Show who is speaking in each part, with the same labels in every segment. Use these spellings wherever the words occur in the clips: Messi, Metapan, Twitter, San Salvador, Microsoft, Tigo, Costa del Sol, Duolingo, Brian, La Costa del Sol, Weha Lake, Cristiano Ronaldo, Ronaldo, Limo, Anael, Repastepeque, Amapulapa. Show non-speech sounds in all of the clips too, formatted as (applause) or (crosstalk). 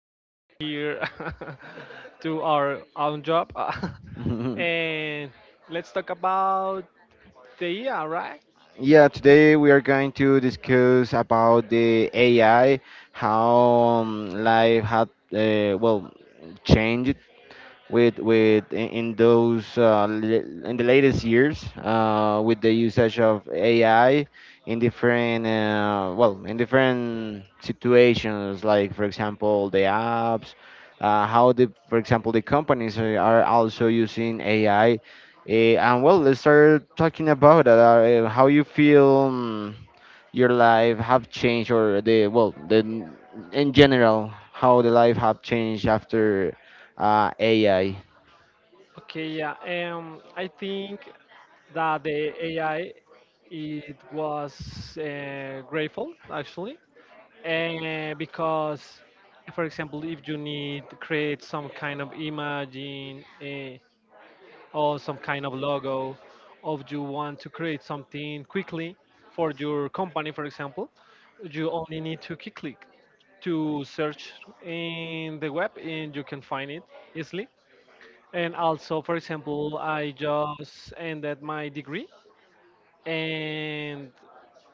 Speaker 1: invite me here (laughs) to our own job. (laughs)
Speaker 2: (laughs)
Speaker 1: And let's talk about the AI, right?
Speaker 2: Yeah, today we are going to discuss about the AI, how life had, uh, well, changed in those in the latest years with the usage of AI in different in different situations like for example the apps, how the for example the companies are also using AI. And well, let's start talking about that, how you feel, your life have changed, or the well the in general how the life have changed after AI.
Speaker 1: Okay, yeah. I think that the AI it was grateful actually, and because, for example, if you need to create some kind of imaging. Or some kind of logo, or you want to create something quickly for your company, for example, you only need to key click to search in the web and you can find it easily. And also, for example, I just ended my degree and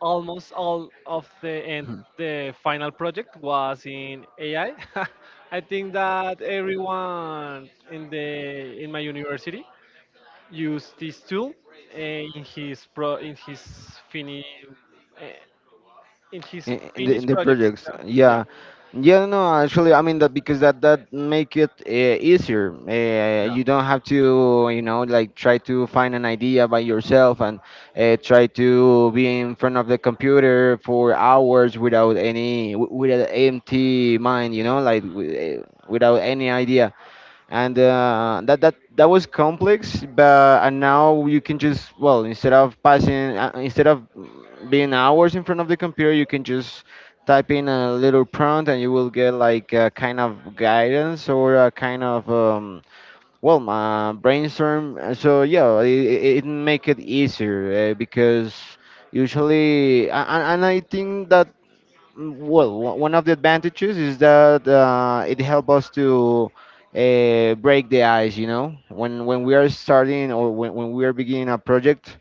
Speaker 1: almost all of the final project was in AI. I (laughs) I think that everyone in the in my university use this tool eh, in his pro in his fini eh, in his
Speaker 2: in, in the in
Speaker 1: finished
Speaker 2: the
Speaker 1: projects.
Speaker 2: projects,
Speaker 1: Yeah, yeah,
Speaker 2: yeah. Yeah, no, actually, I mean that because that make it easier.
Speaker 1: yeah,
Speaker 2: You don't have to, you know, like try to find an idea by yourself, and try to be in front of the computer for hours without any with an empty mind, you know, like without any idea. And that was complex, but and now you can just, well, instead of being hours in front of the computer, you can just type in a little prompt and you will get like a kind of guidance or a kind of brainstorm. So yeah, it make it easier, because usually and I think that well, one of the advantages is that it helps us to break the ice. You know, when we are starting, or when we are beginning a project,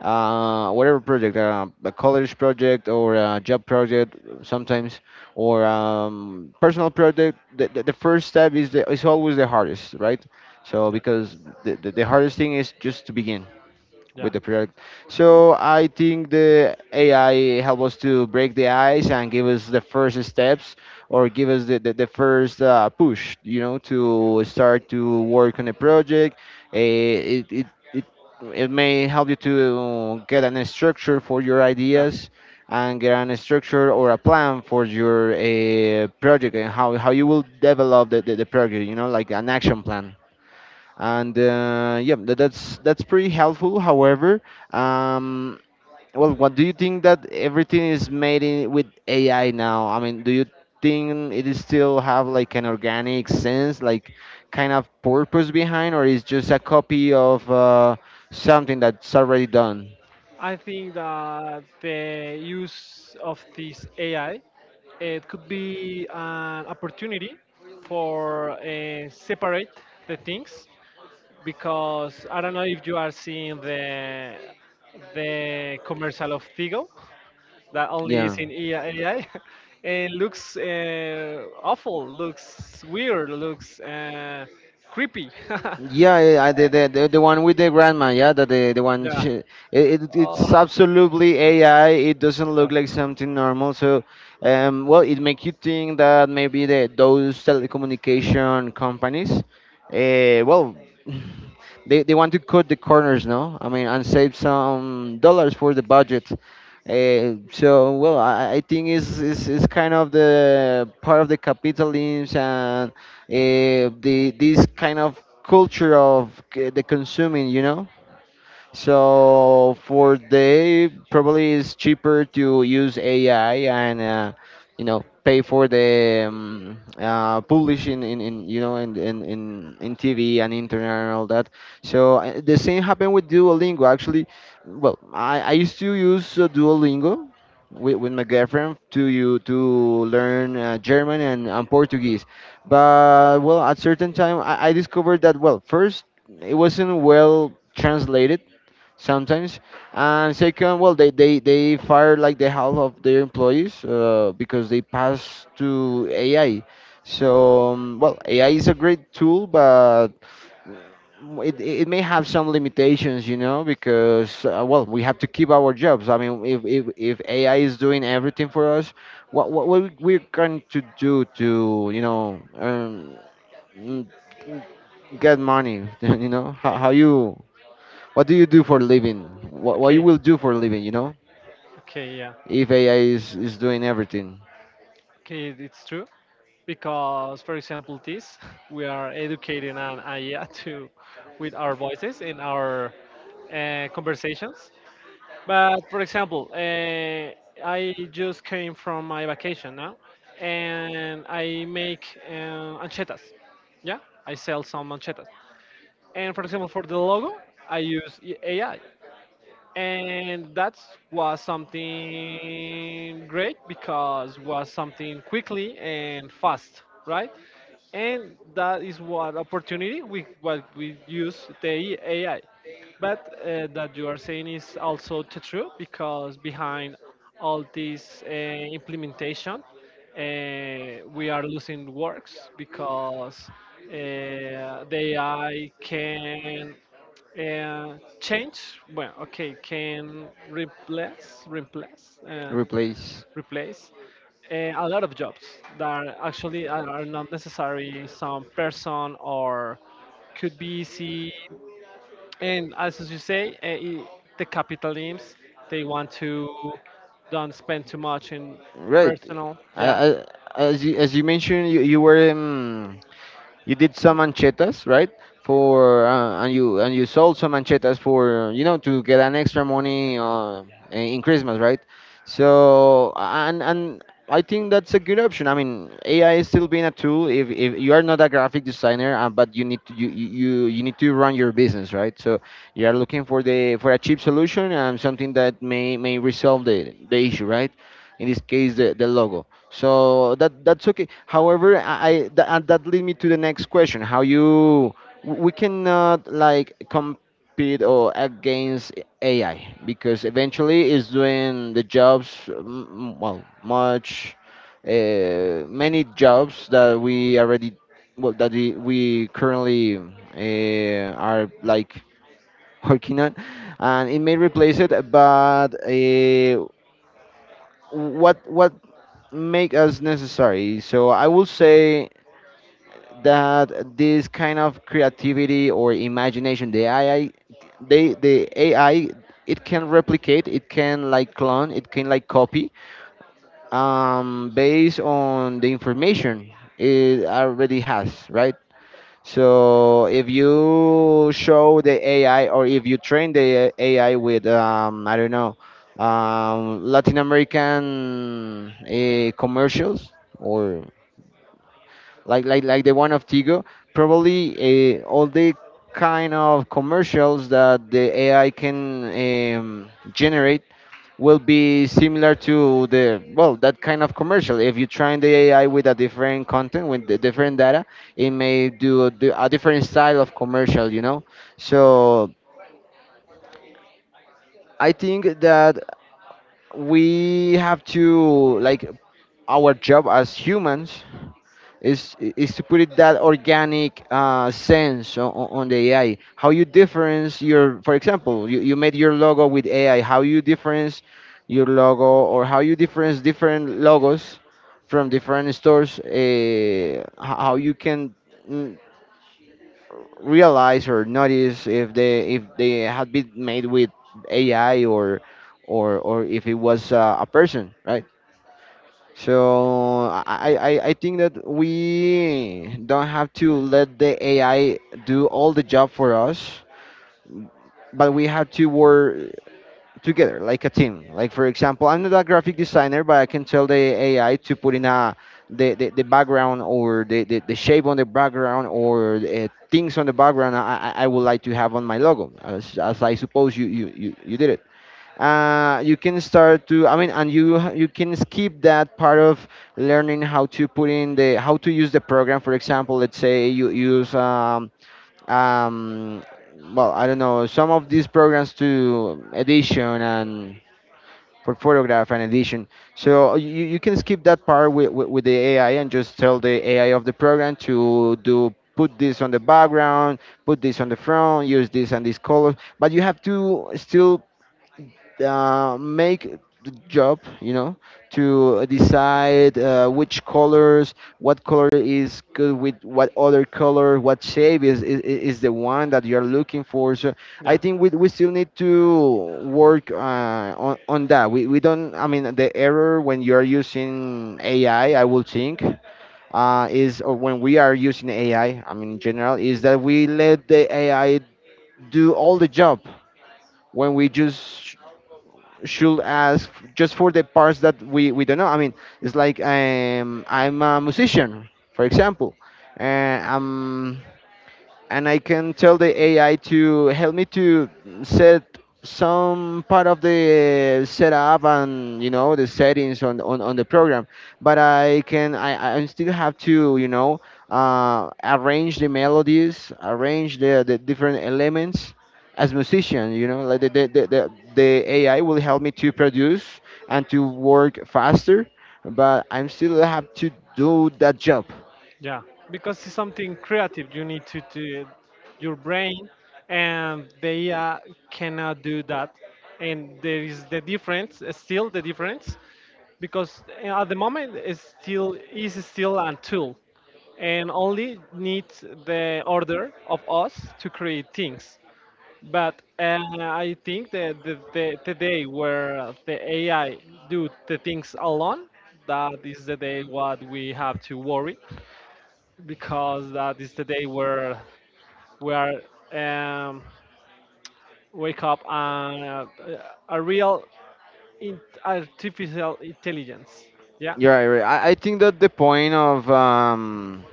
Speaker 2: whatever project, a college project or a job project, sometimes or personal project, the first step is is always the hardest, right? So because the hardest thing is just to begin
Speaker 1: yeah.
Speaker 2: with the project. So I think the AI help us to break the ice and give us the first steps, or give us the first push, you know, to start to work on a project. Uh, it, it, it, it may help you to get an structure for your ideas, and get an structure or a plan for your project, and how you will develop the project, you know, like an action plan. And that's pretty helpful. However, um, well, what do you think that everything is made with AI now? I mean, do you think it is still have like an organic sense, like kind of purpose behind, or is just a copy of something that's already done?
Speaker 1: I think that the use of this AI it could be an opportunity for separate the things, because I don't know if you are seeing the commercial of Tigo that only is
Speaker 2: Yeah.
Speaker 1: in AI. (laughs) It looks awful, looks weird, looks creepy. (laughs)
Speaker 2: Yeah, yeah, the the one with the grandma, yeah, that the one
Speaker 1: Yeah.
Speaker 2: she, it
Speaker 1: Oh,
Speaker 2: it's absolutely AI. It doesn't
Speaker 1: (laughs) yeah.
Speaker 2: look like something normal. So, well, it makes you think that maybe the those telecommunication companies, uh, well, (laughs) they want to cut the corners, no? I mean, and save some dollars for the budget. So well, I think it's kind of the part of the capitalism and the this kind of culture of the consuming, you know. So for they probably it's cheaper to use AI, and you know, pay for the publishing in you know in TV and internet and all that. So the same happened with Duolingo. Actually, well, I used to use Duolingo with my girlfriend to you to learn German and Portuguese. But well, at certain time, I discovered that, well, first, it wasn't well translated sometimes, and second, well, they fire like the half of their employees because they pass to AI. So well, AI is a great tool, but it may have some limitations, you know, because well, we have to keep our jobs. I mean, if AI is doing everything for us, we're going to do to, you know, mm, get money (laughs) you know,
Speaker 1: Okay.
Speaker 2: how you, what do you do for a living? What you
Speaker 1: Okay.
Speaker 2: will do for a living, you know?
Speaker 1: Okay. Yeah.
Speaker 2: If AI is doing everything,
Speaker 1: Okay. It's true. Because, for example, this (laughs) we are educating an AI (laughs) to with our voices in our conversations. But for example, I just came from my vacation now, and I make anchetas. Yeah, I sell some anchetas. And for example, for the logo, I use AI, and that was something great because was something quickly and fast, right? And that is what opportunity we what we use the AI. But that you are saying is also true, because behind all this implementation, uh, we are losing works, because the AI can change. Well, okay, can replace, replace, uh,
Speaker 2: replace.
Speaker 1: replace a lot of jobs that are actually are not necessary. Some person or could be easy. And as you say, the capitalisms, they want to don't spend too much in
Speaker 2: Right.
Speaker 1: personal.
Speaker 2: I,
Speaker 1: Yeah.
Speaker 2: I, as you mentioned, you were you did some anchetas, right? For and you, and you sold some anchetas for, you know, to get an extra money in Christmas, right? So, and I think that's a good option. I mean, AI is still being a tool. If you are not a graphic designer, but you need to, you you need to run your business, right? So you are looking for the, for a cheap solution and something that may resolve the issue, right? In this case, the logo. So that, that's okay. However, and that lead me to the next question: how you, we cannot like compete or against AI, because eventually it's doing the jobs, well, much, many jobs that we already, well that we currently are like (laughs) working on, and it may replace it. But what make as necessary. So I would say that this kind of creativity or imagination, the AI, they, the AI, it can replicate, it can like clone, it can like copy, based on the information it already has, right? So if you show the AI, or if you train the AI with, I don't know, Latin American commercials, or like the one of Tigo, probably all the kind of commercials that the AI can generate will be similar to the, well, that kind of commercial. If you train the AI with a different content with the different data, it may do a different style of commercial. You know, so I think that we have to like our job as humans is to put it that organic sense on the AI. How you difference your, for example, you made your logo with AI. How you difference your logo, or how you difference different logos from different stores. How you can mm, realize or notice if they, if they had been made with AI, or if it was a person, right? So I think that we don't have to let the AI do all the job for us, but we have to work together like a team. Like for example, I'm not a graphic designer, but I can tell the AI to put in a, the background, or the shape on the background, or things on the background I would like to have on my logo, as I suppose you did. You can start to, I mean, and you you can skip that part of learning how to put in the, how to use the program. For example, let's say you use um, well, I don't know, some of these programs to edition and for photograph and edition, so you can skip that part with the AI, and just tell the AI of the program to do, put this on the background, put this on the front, use this and this color, but you have to still make the job, you know, to decide which colors, what color is good with what other color, what shape is the one that you're looking for. So I
Speaker 1: Yeah.
Speaker 2: think we still need to work on that. We don't, I mean, the error when you're using AI, I will think is, or when we are using AI, I mean, in general, is that we let the AI do all the job when we just should ask just for the parts that we don't know. I mean, it's like, I'm a musician, for example, and and I can tell the AI to help me to set some part of the setup and, you know, the settings on on the program, but I still have to, you know, arrange the melodies, arrange the different elements as musician, you know, like the AI will help me to produce and to work faster, but I'm still have to do that job.
Speaker 1: Yeah, because it's something creative. You need to do your brain, and they cannot do that. And there is the difference, still the difference, because at the moment it's still a tool, and only needs the order of us to create things. But I think that the day where the AI do the things alone, that is the day what we have to worry, because that is the day where we are um, wake up and a real in- artificial intelligence. Yeah,
Speaker 2: You're right, right. I think that the point of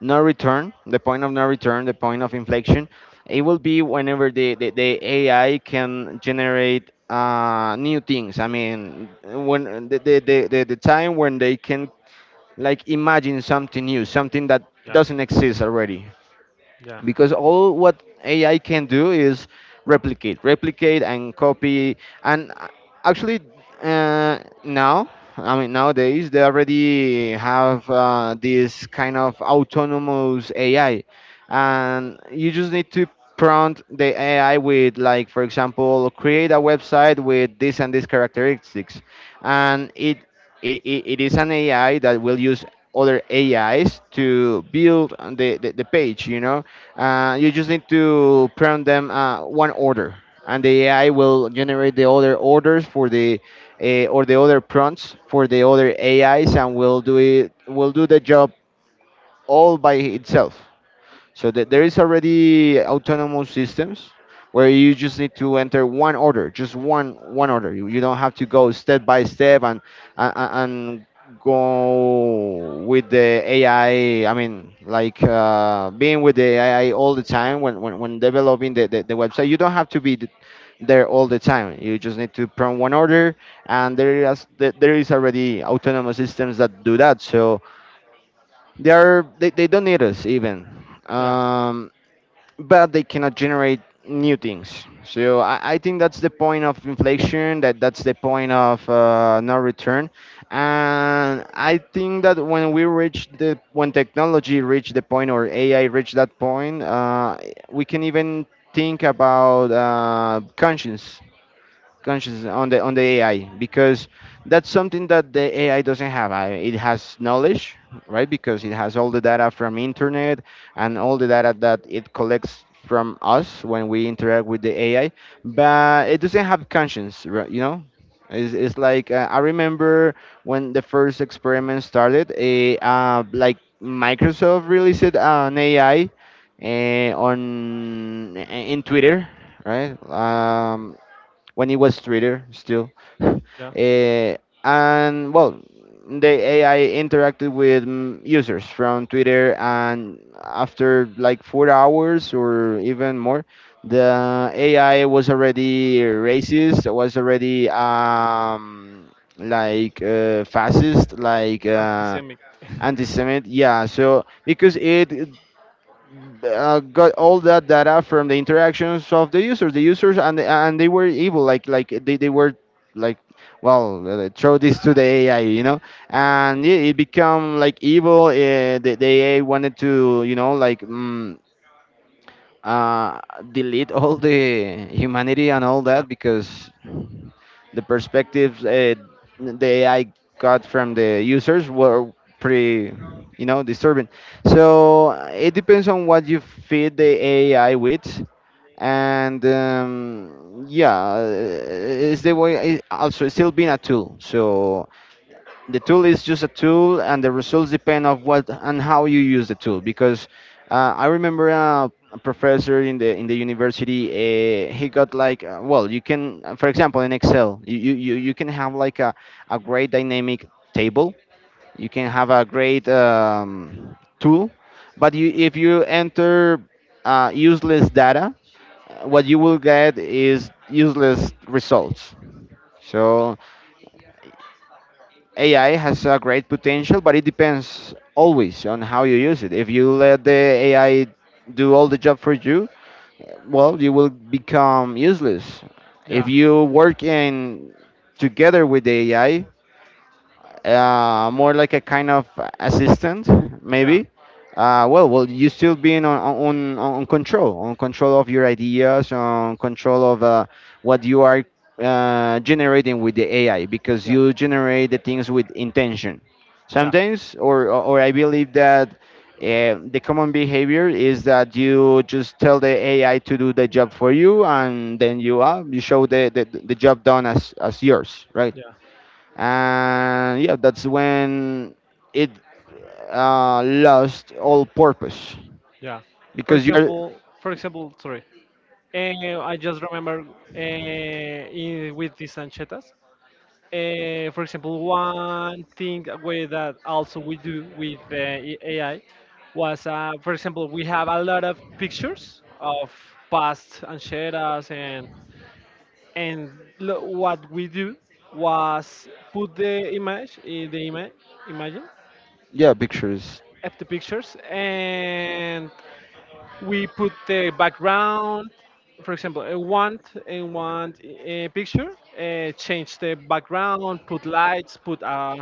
Speaker 2: no return, the point of no return, the point of inflection, it will be whenever the AI can generate new things. I mean, when the time when they can like imagine something new, something that
Speaker 1: yeah,
Speaker 2: doesn't exist already,
Speaker 1: yeah,
Speaker 2: because all what AI can do is replicate, replicate and copy. And uh, actually, Now, I mean, nowadays they already have this kind of autonomous AI, and you just need to prompt the AI with, like, for example, create a website with this and this characteristics, and it is an AI that will use other AIs to build the page, you know. You just need to prompt them one order, and the AI will generate the other orders for the or the other prompts for the other AIs, and will do the job all by itself. So there is already autonomous systems where you just need to enter one order, just one order. You don't have to go step by step and and go with the AI. I mean, like being with the AI all the time when when developing the website. You don't have to be there all the time. You just need to prompt one order, and there is there is already autonomous systems that do that. So they don't need us even.
Speaker 1: yeah,
Speaker 2: Um, but they cannot generate new things. So I think that's the point of inflation. That's the point of no return. And I think that when we reach the when technology reach the point, or AI reach that point, we can even think about conscience conscious on the AI, because that's something that the AI doesn't have. It has knowledge, right? Because it has all the data from internet and all the data that it collects from us when we interact with the AI, but it doesn't have conscience, right? You know. It's like I remember when the first experiment started, a like Microsoft released an AI on in Twitter, right? When it was Twitter still. (laughs)
Speaker 1: yeah.
Speaker 2: Eh, and well, the AI interacted with users from Twitter, and after like 4 hours or even more, the AI was already racist, was already fascist,
Speaker 1: Antisemitic. (laughs)
Speaker 2: anti-Semite. Yeah, so because it got all that data from the interactions of the users, and they were able, like they were like, well, throw this to the AI, you know, and it become like evil. The AI wanted to, you know, like uh, delete all the humanity and all
Speaker 1: Yeah,
Speaker 2: that, because the perspectives the AI got from the users were pretty, you know, disturbing. So it depends on what you feed the AI with, and yeah, it's the way. It also, it's still being a tool. So the tool is just a tool and the results depend of what and how you use the tool. Because I remember a professor in the university, he got like, well, you can, for example in Excel, you can have like a great dynamic table, you can have a great tool, but you if you enter useless data, what you will get is useless results. So AI has a great potential, but it depends always on how you use it. If you let the AI do all the job for you, well, you will become useless. If
Speaker 1: yeah,
Speaker 2: you work in together with the AI, more like a kind of assistant,
Speaker 1: yeah,
Speaker 2: maybe. Well, you still being on control of your ideas, on control of what you are generating with the AI, because
Speaker 1: yeah,
Speaker 2: you generate the things with intention.
Speaker 1: yeah,
Speaker 2: Sometimes, or I believe that the common behavior is that you just tell the AI to do the job for you, and then you you show the job done as yours, right?
Speaker 1: yeah,
Speaker 2: And yeah, that's when it lost all purpose,
Speaker 1: yeah.
Speaker 2: because you're
Speaker 1: For example, sorry. I just remember with these anchetas. For example, one thing that we, that also we do with AI was, for example, we have a lot of pictures of past ancheras, and what we do was put the image in the image, imagine,
Speaker 2: yeah pictures.
Speaker 1: of the pictures, and we put the background, for example a want in one picture, change the background, put lights, put a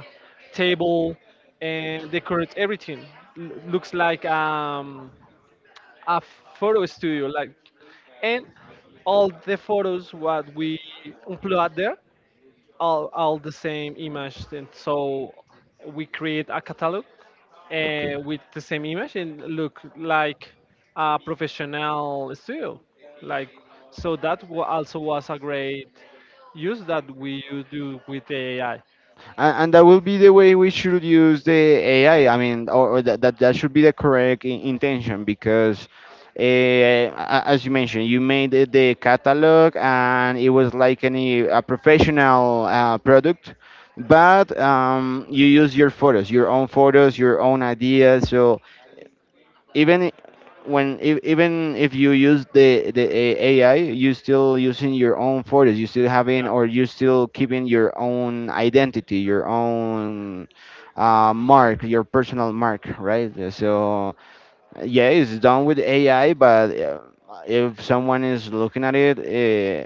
Speaker 1: table and decorate everything. Looks like a photo studio like, and all the photos what we upload there all the same image, and so we create a catalog
Speaker 2: Okay.
Speaker 1: with the same image and look like a professional studio like. So that also was a great use that we do with the AI.
Speaker 2: And that will be the way we should use the AI. I mean, or that that should be the correct intention, because uh, as you mentioned, you made the catalog and it was like any a professional product, but you use your photos, your own ideas. So even even if you use AI, you still using your own photos. You still having,
Speaker 1: Yeah,
Speaker 2: or you still keeping your own identity, your own mark, your personal mark, right? So yeah, it's done with AI, but if someone is looking at it,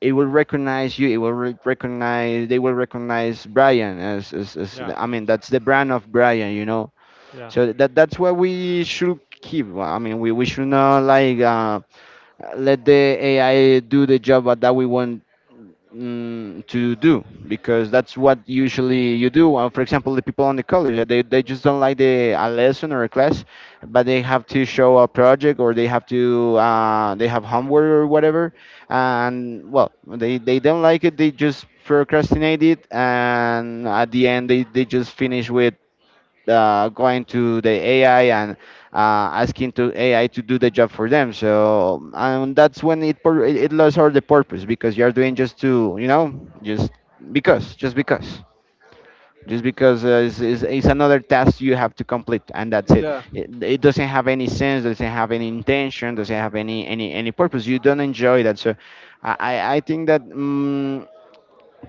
Speaker 2: it will recognize you. It will recognize. They will recognize Brian as
Speaker 1: yeah,
Speaker 2: the— I mean, that's the brand of Brian, you know.
Speaker 1: yeah,
Speaker 2: So that that's what we should keep. Well, I mean, we should not like let the AI do the job what that we want to do, because that's what usually you do. For example, the people on the college, they just don't like the a lesson or a class, but they have to show a project, or they have to they have homework or whatever, and well they don't like it. They just procrastinate it, and at the end they just finish with going to the AI and asking to AI to do the job for them. So and that's when it it lost all the purpose, because you're doing just to, you know, just because just because it's, it's another task you have to complete and that's it.
Speaker 1: yeah.
Speaker 2: It doesn't have any sense, doesn't have any intention, doesn't have any any purpose, you don't enjoy that. So I I think that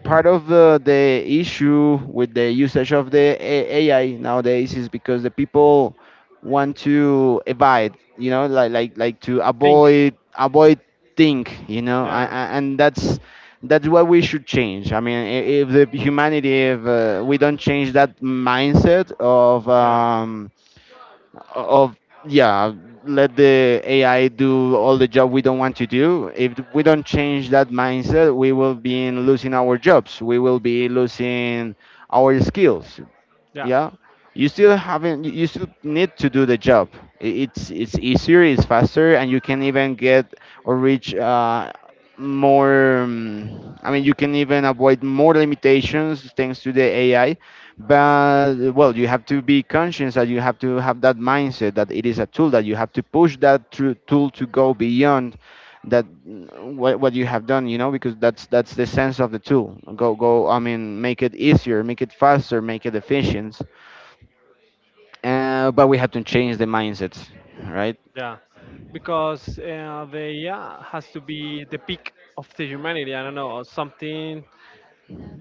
Speaker 2: part of the issue with the usage of the AI nowadays is because the people want to evade, you know, like to
Speaker 1: Think.
Speaker 2: avoid, think, you know,
Speaker 1: Yeah,
Speaker 2: and that's what we should change. I mean, if the humanity, if we don't change that mindset of
Speaker 1: yeah,
Speaker 2: of yeah, let the AI do all the job we don't want to do, if we don't change that mindset, we will be in losing our jobs, we will be losing our skills.
Speaker 1: yeah,
Speaker 2: Yeah, you still haven't, you still need to do the job. It's easier, it's faster, and you can even get or reach more I mean, you can even avoid more limitations thanks to the AI, but well, you have to be conscious that you have to have that mindset that it is a tool, that you have to push that tool to go beyond that what you have done, you know, because that's the sense of the tool. Go go I mean, make it easier, make it faster, make it efficient. But we have to change the mindsets, right?
Speaker 1: yeah, because the AI has to be the peak of the humanity, I don't know, or something,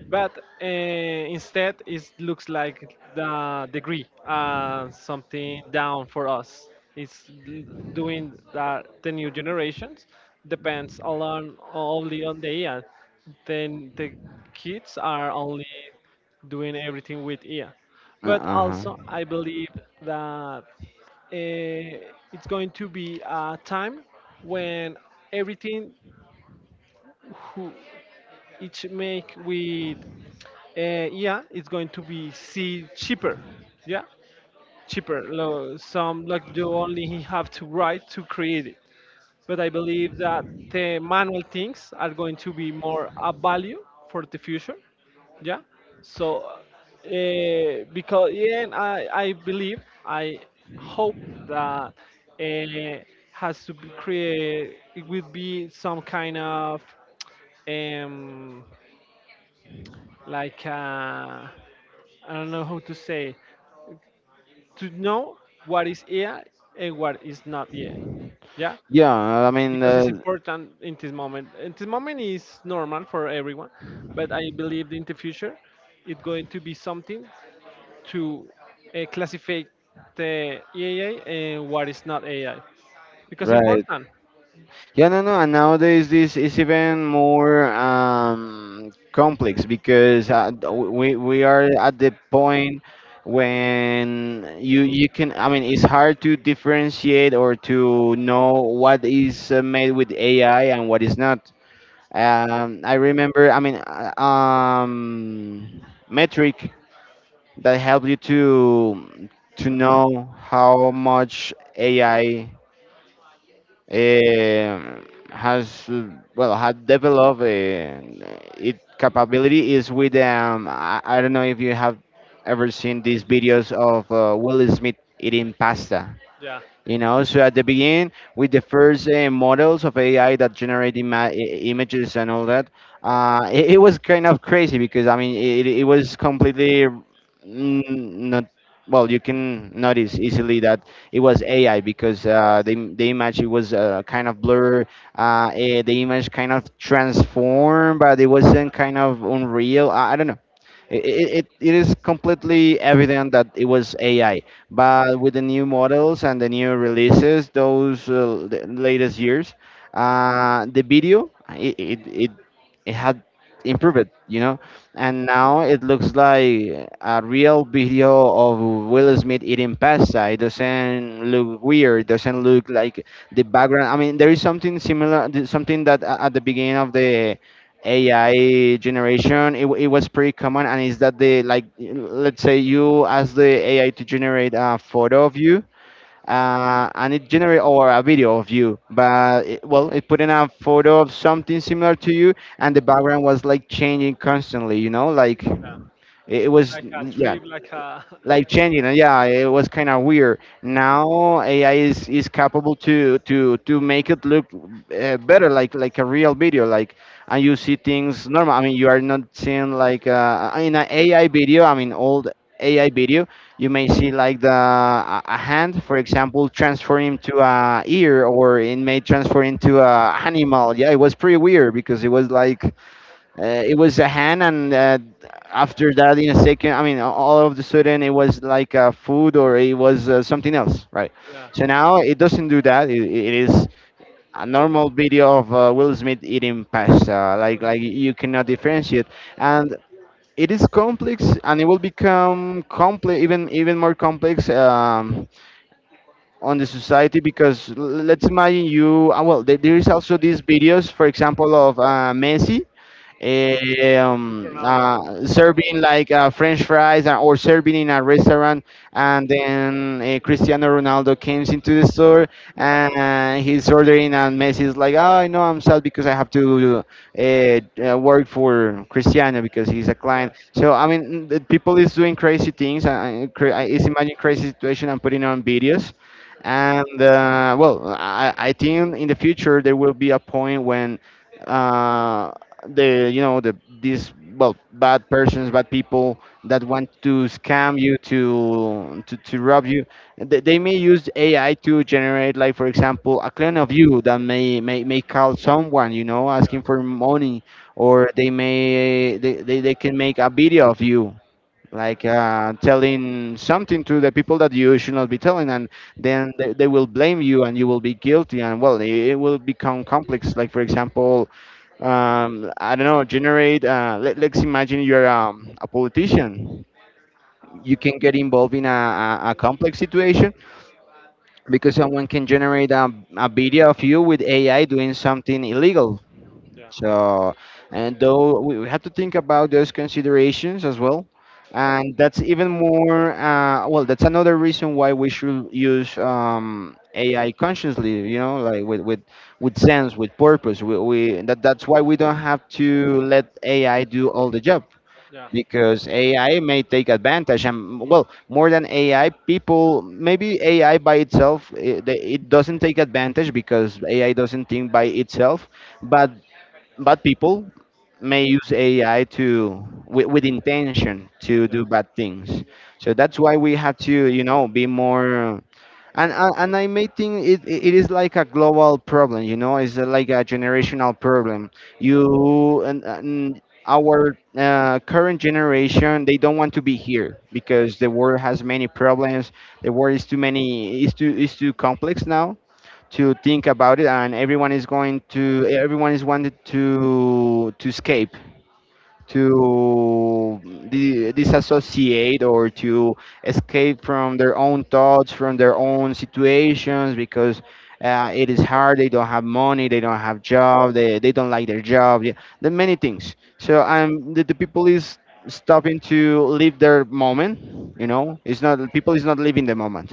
Speaker 1: but instead it looks like the degree something down for us. it's l- Doing that the new generations depends a lot only on the AI, then the kids are only doing everything with AI.
Speaker 2: Uh
Speaker 1: But
Speaker 2: huh.
Speaker 1: also I believe that it's going to be a time when everything who each make with yeah, it's going to be see cheaper. Yeah, cheaper. Some like you only have to write to create it. But I believe that the manual things are going to be more a value for the future. Yeah. So, because yeah, and I believe, I hope that uh, has to be create. It will be some kind of um like I don't know how to say to know what is AI and what is not AI. Yeah,
Speaker 2: Yeah, I mean,
Speaker 1: because it's important in this moment. In this moment is normal for everyone, but I believe in the future it's going to be something to classify the AI and what is not AI because
Speaker 2: right.
Speaker 1: important.
Speaker 2: Yeah, no, no. And nowadays, this is even more complex, because we are at the point when you can. I mean, it's hard to differentiate or to know what is made with AI and what is not. I remember. I mean, metric that help you to know how much AI has well has developed its capability is with I don't know if you have ever seen these videos of Will Smith eating pasta.
Speaker 1: Yeah,
Speaker 2: You know, so at the beginning, with the first models of AI that generate images and all that, it, it was kind of crazy, because I mean, it was completely not, well, you can notice easily that it was AI, because the image it was kind of blur. The image kind of transformed, but it wasn't kind of unreal. I don't know, it is completely evident that it was AI, but with the new models and the new releases, those the latest years, the video it had improved, you know, and now it looks like a real video of Will Smith eating pasta. It doesn't look weird. Doesn't look like the background. I mean, there is something similar, something that at the beginning of the AI generation, it was pretty common, and is that the like, let's say you ask the AI to generate a photo of you, and it generate or a video of you, but it, well, it put in a photo of something similar to you, and the background was like changing constantly, like
Speaker 1: yeah, like a
Speaker 2: yeah,
Speaker 1: trip, like a
Speaker 2: life
Speaker 1: (laughs)
Speaker 2: changing. And yeah, it was kind of weird. Now ai is capable to make it look better, like a real video, like and you see things normal. I mean, you are not seeing like in an ai video, I mean old ai video, you may see like the a hand for example transform into a ear, or it may transfer into a
Speaker 1: yeah,
Speaker 2: animal. Yeah, it was pretty weird because it was like it was a hand, and after that, in a second, I mean, all of the sudden, it was like food or it was something else, right?
Speaker 1: yeah,
Speaker 2: So now it doesn't do that. It is a normal video of Will Smith eating pasta. Like you cannot differentiate, and it is complex, and it will become complex, even more complex on the society because let's imagine you. Well, there is also these videos, for example, of Messi.
Speaker 1: with Ronaldo.
Speaker 2: Serving like French fries or serving in a restaurant, and then Cristiano Ronaldo comes into the store, and he's ordering, and Messi's like, "Oh, I know I'm sad because I have to work for Cristiano because he's a
Speaker 1: Yeah,
Speaker 2: client." So I mean, the people is doing crazy things. Is imagining crazy situation and putting on videos. And well, I think in the future there will be a point when uh, the you know the these, well, bad persons, bad people that want to scam you to rob you. They may use ai to generate, like for example, a clone of you that may call someone you know
Speaker 1: yeah,
Speaker 2: asking for money, or they may they can make a video of you, like telling something to the people that you should not be telling. And then they will blame you and you will be guilty. And well, it will become complex, like for example I don't know, generate. Let's imagine you're a politician. You can get involved in a, a complex situation because someone can generate a video of you with AI doing something illegal.
Speaker 1: yeah,
Speaker 2: So, and though we have to think about those considerations as well. And that's even more, well, that's another reason why we should use AI consciously, you know, like with sense, with purpose. That's why we don't have to let AI do all the job
Speaker 1: yeah,
Speaker 2: because AI may take advantage. And well, more than AI, people, maybe AI by itself, it doesn't take advantage because AI doesn't think by itself. But bad people may use AI to, with intention to
Speaker 1: yeah,
Speaker 2: do bad things. So that's why we have to, you know, be more. And I may think it is like a global problem. You know, it's like a generational problem. You and. Our current generation, they don't want to be here because the world has many problems. The world is too many is too complex now to think about it. And everyone is wanted to escape, to disassociate, or to escape from their own thoughts, from their own situations, because it is hard. They don't have money. They don't have job. They don't like their job. Yeah, the many things. So I'm the people is stopping to live their moment. You know, it's not, people is not living the moment,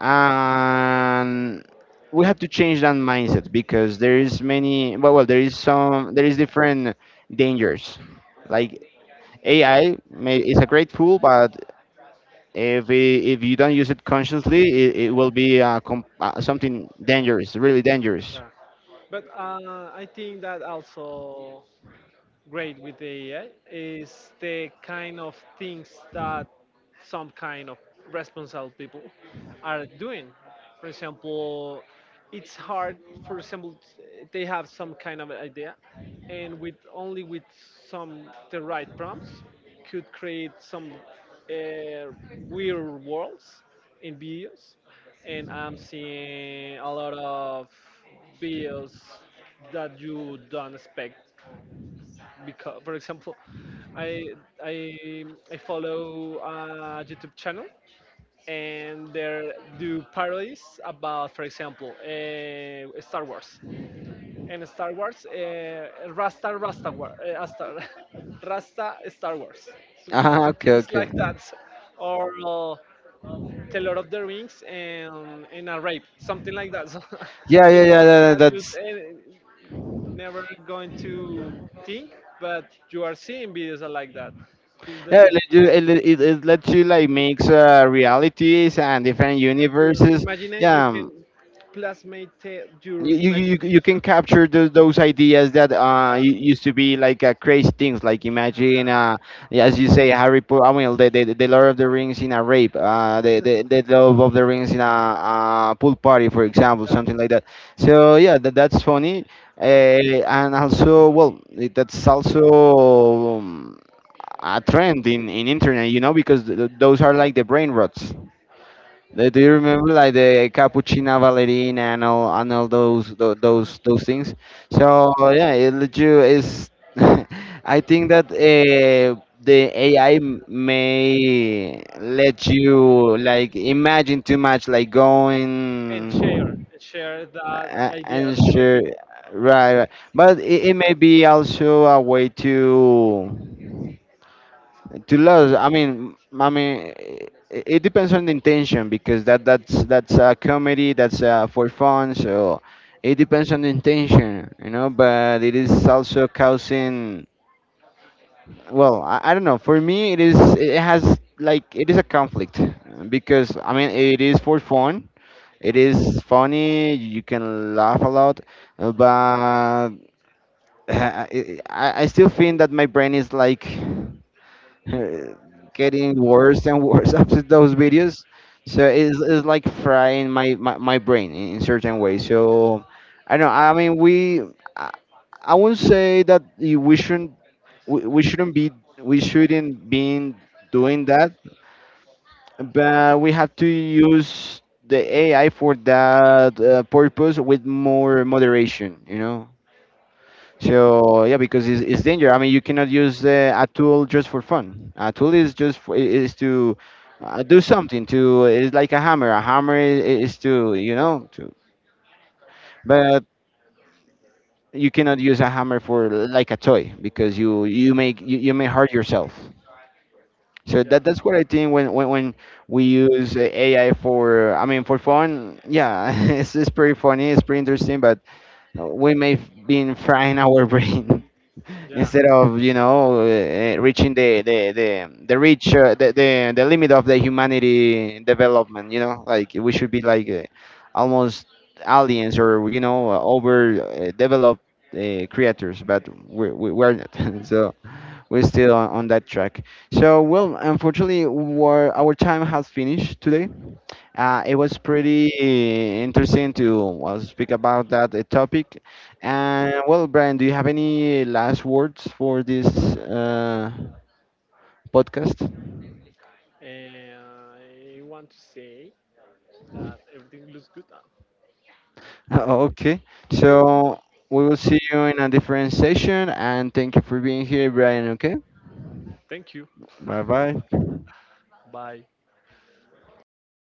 Speaker 2: and we have to change that mindset. Because there is many. Well, well, there is some. There is different dangers, like AI may, is a great tool, but if you don't use it consciously, it will be something dangerous, really dangerous.
Speaker 1: yeah. But I think that also great with the AI is the kind of things that some kind of responsible people are doing. For example, it's hard. For example, they have some kind of idea, and with only with some the right prompts, could create some uh, weird worlds in videos. And I'm seeing a lot of videos that you don't expect because for example i i I follow a YouTube channel and they do parodies about, for example, Star Wars and Star Wars rasta rasta War- uh, Asta- (laughs) rasta Star Wars, so
Speaker 2: Ah, okay,
Speaker 1: things
Speaker 2: okay.
Speaker 1: like that. Or the Lord of the Rings and a rape, something like that. So
Speaker 2: Yeah,
Speaker 1: (laughs)
Speaker 2: yeah,
Speaker 1: things
Speaker 2: yeah. That,
Speaker 1: that you
Speaker 2: that's
Speaker 1: never going to think, but you are seeing videos that like that. Think
Speaker 2: yeah.
Speaker 1: that
Speaker 2: It lets you like mix realities and different
Speaker 1: your
Speaker 2: universes.
Speaker 1: imagine you can
Speaker 2: Yeah,
Speaker 1: plasmate your
Speaker 2: you you
Speaker 1: imagine
Speaker 2: you you can capture those ideas that
Speaker 1: uh,
Speaker 2: used to be like crazy things, like
Speaker 1: yeah,
Speaker 2: imagine uh, yeah, as you say, Harry Potter, I mean, the Lord of the Rings in a rape, the Lord of the Rings in a pool party, for example,
Speaker 1: yeah,
Speaker 2: something like that. So yeah, that's funny. Uh, and also, well, that's also a trend in internet, you know, because those are like the brain rots. Uh, do you remember like the cappuccina, Ballerina and all, and all those tho- those things? So yeah, it let you is. (laughs) I think that the AI may let you like imagine too much, like
Speaker 1: and share,
Speaker 2: going
Speaker 1: and share that
Speaker 2: and
Speaker 1: ideas with the
Speaker 2: sure,
Speaker 1: people.
Speaker 2: right, right. But it may be also a way to love. I mean it depends on the intention because that's a comedy, that's for fun. So it depends on the intention, you know, but it is also causing, well, I don't know. For me, it is, it has like, it is a conflict, because I mean it is for fun, it is funny, you can laugh a lot, but (laughs) I, I still think that my brain is like (laughs) getting worse and worse (laughs) after those videos. So it's like frying my brain in certain ways. So I don't know. I mean, I, I wouldn't say that we shouldn't be, we shouldn't be doing that, but we have to use the AI for that purpose with more moderation. You know. So yeah, because it's danger. I mean, you cannot use a tool just for fun. A tool is just for, is to do something. To, it's like a hammer. A hammer is to, you know, to. But you cannot use a hammer for like a toy, because you may hurt yourself. So
Speaker 1: Yeah,
Speaker 2: that's what I think when when we use AI for, I mean, for fun. Yeah, (laughs) it's pretty funny. It's pretty interesting, but we may been frying our (laughs) brain.
Speaker 1: yeah.
Speaker 2: Instead of, you know, reaching the limit of the humanity development, you know, like we should be like almost aliens, or you know, over, developed creators, but we're not (laughs) so we're still on that track. So, well, unfortunately, we, our time has finished today. Uh, it was pretty interesting to, well, speak about that topic. And well, Brian, do you have any last words for this uh, podcast? (laughs)
Speaker 1: And I want to say that everything looks good now. Wait,
Speaker 2: Okay,
Speaker 1: wait, wait, wait.
Speaker 2: so we will see you in a different session, and thank you for being here, Brian. Okay,
Speaker 1: Thank you.
Speaker 2: bye bye.
Speaker 1: Well, man,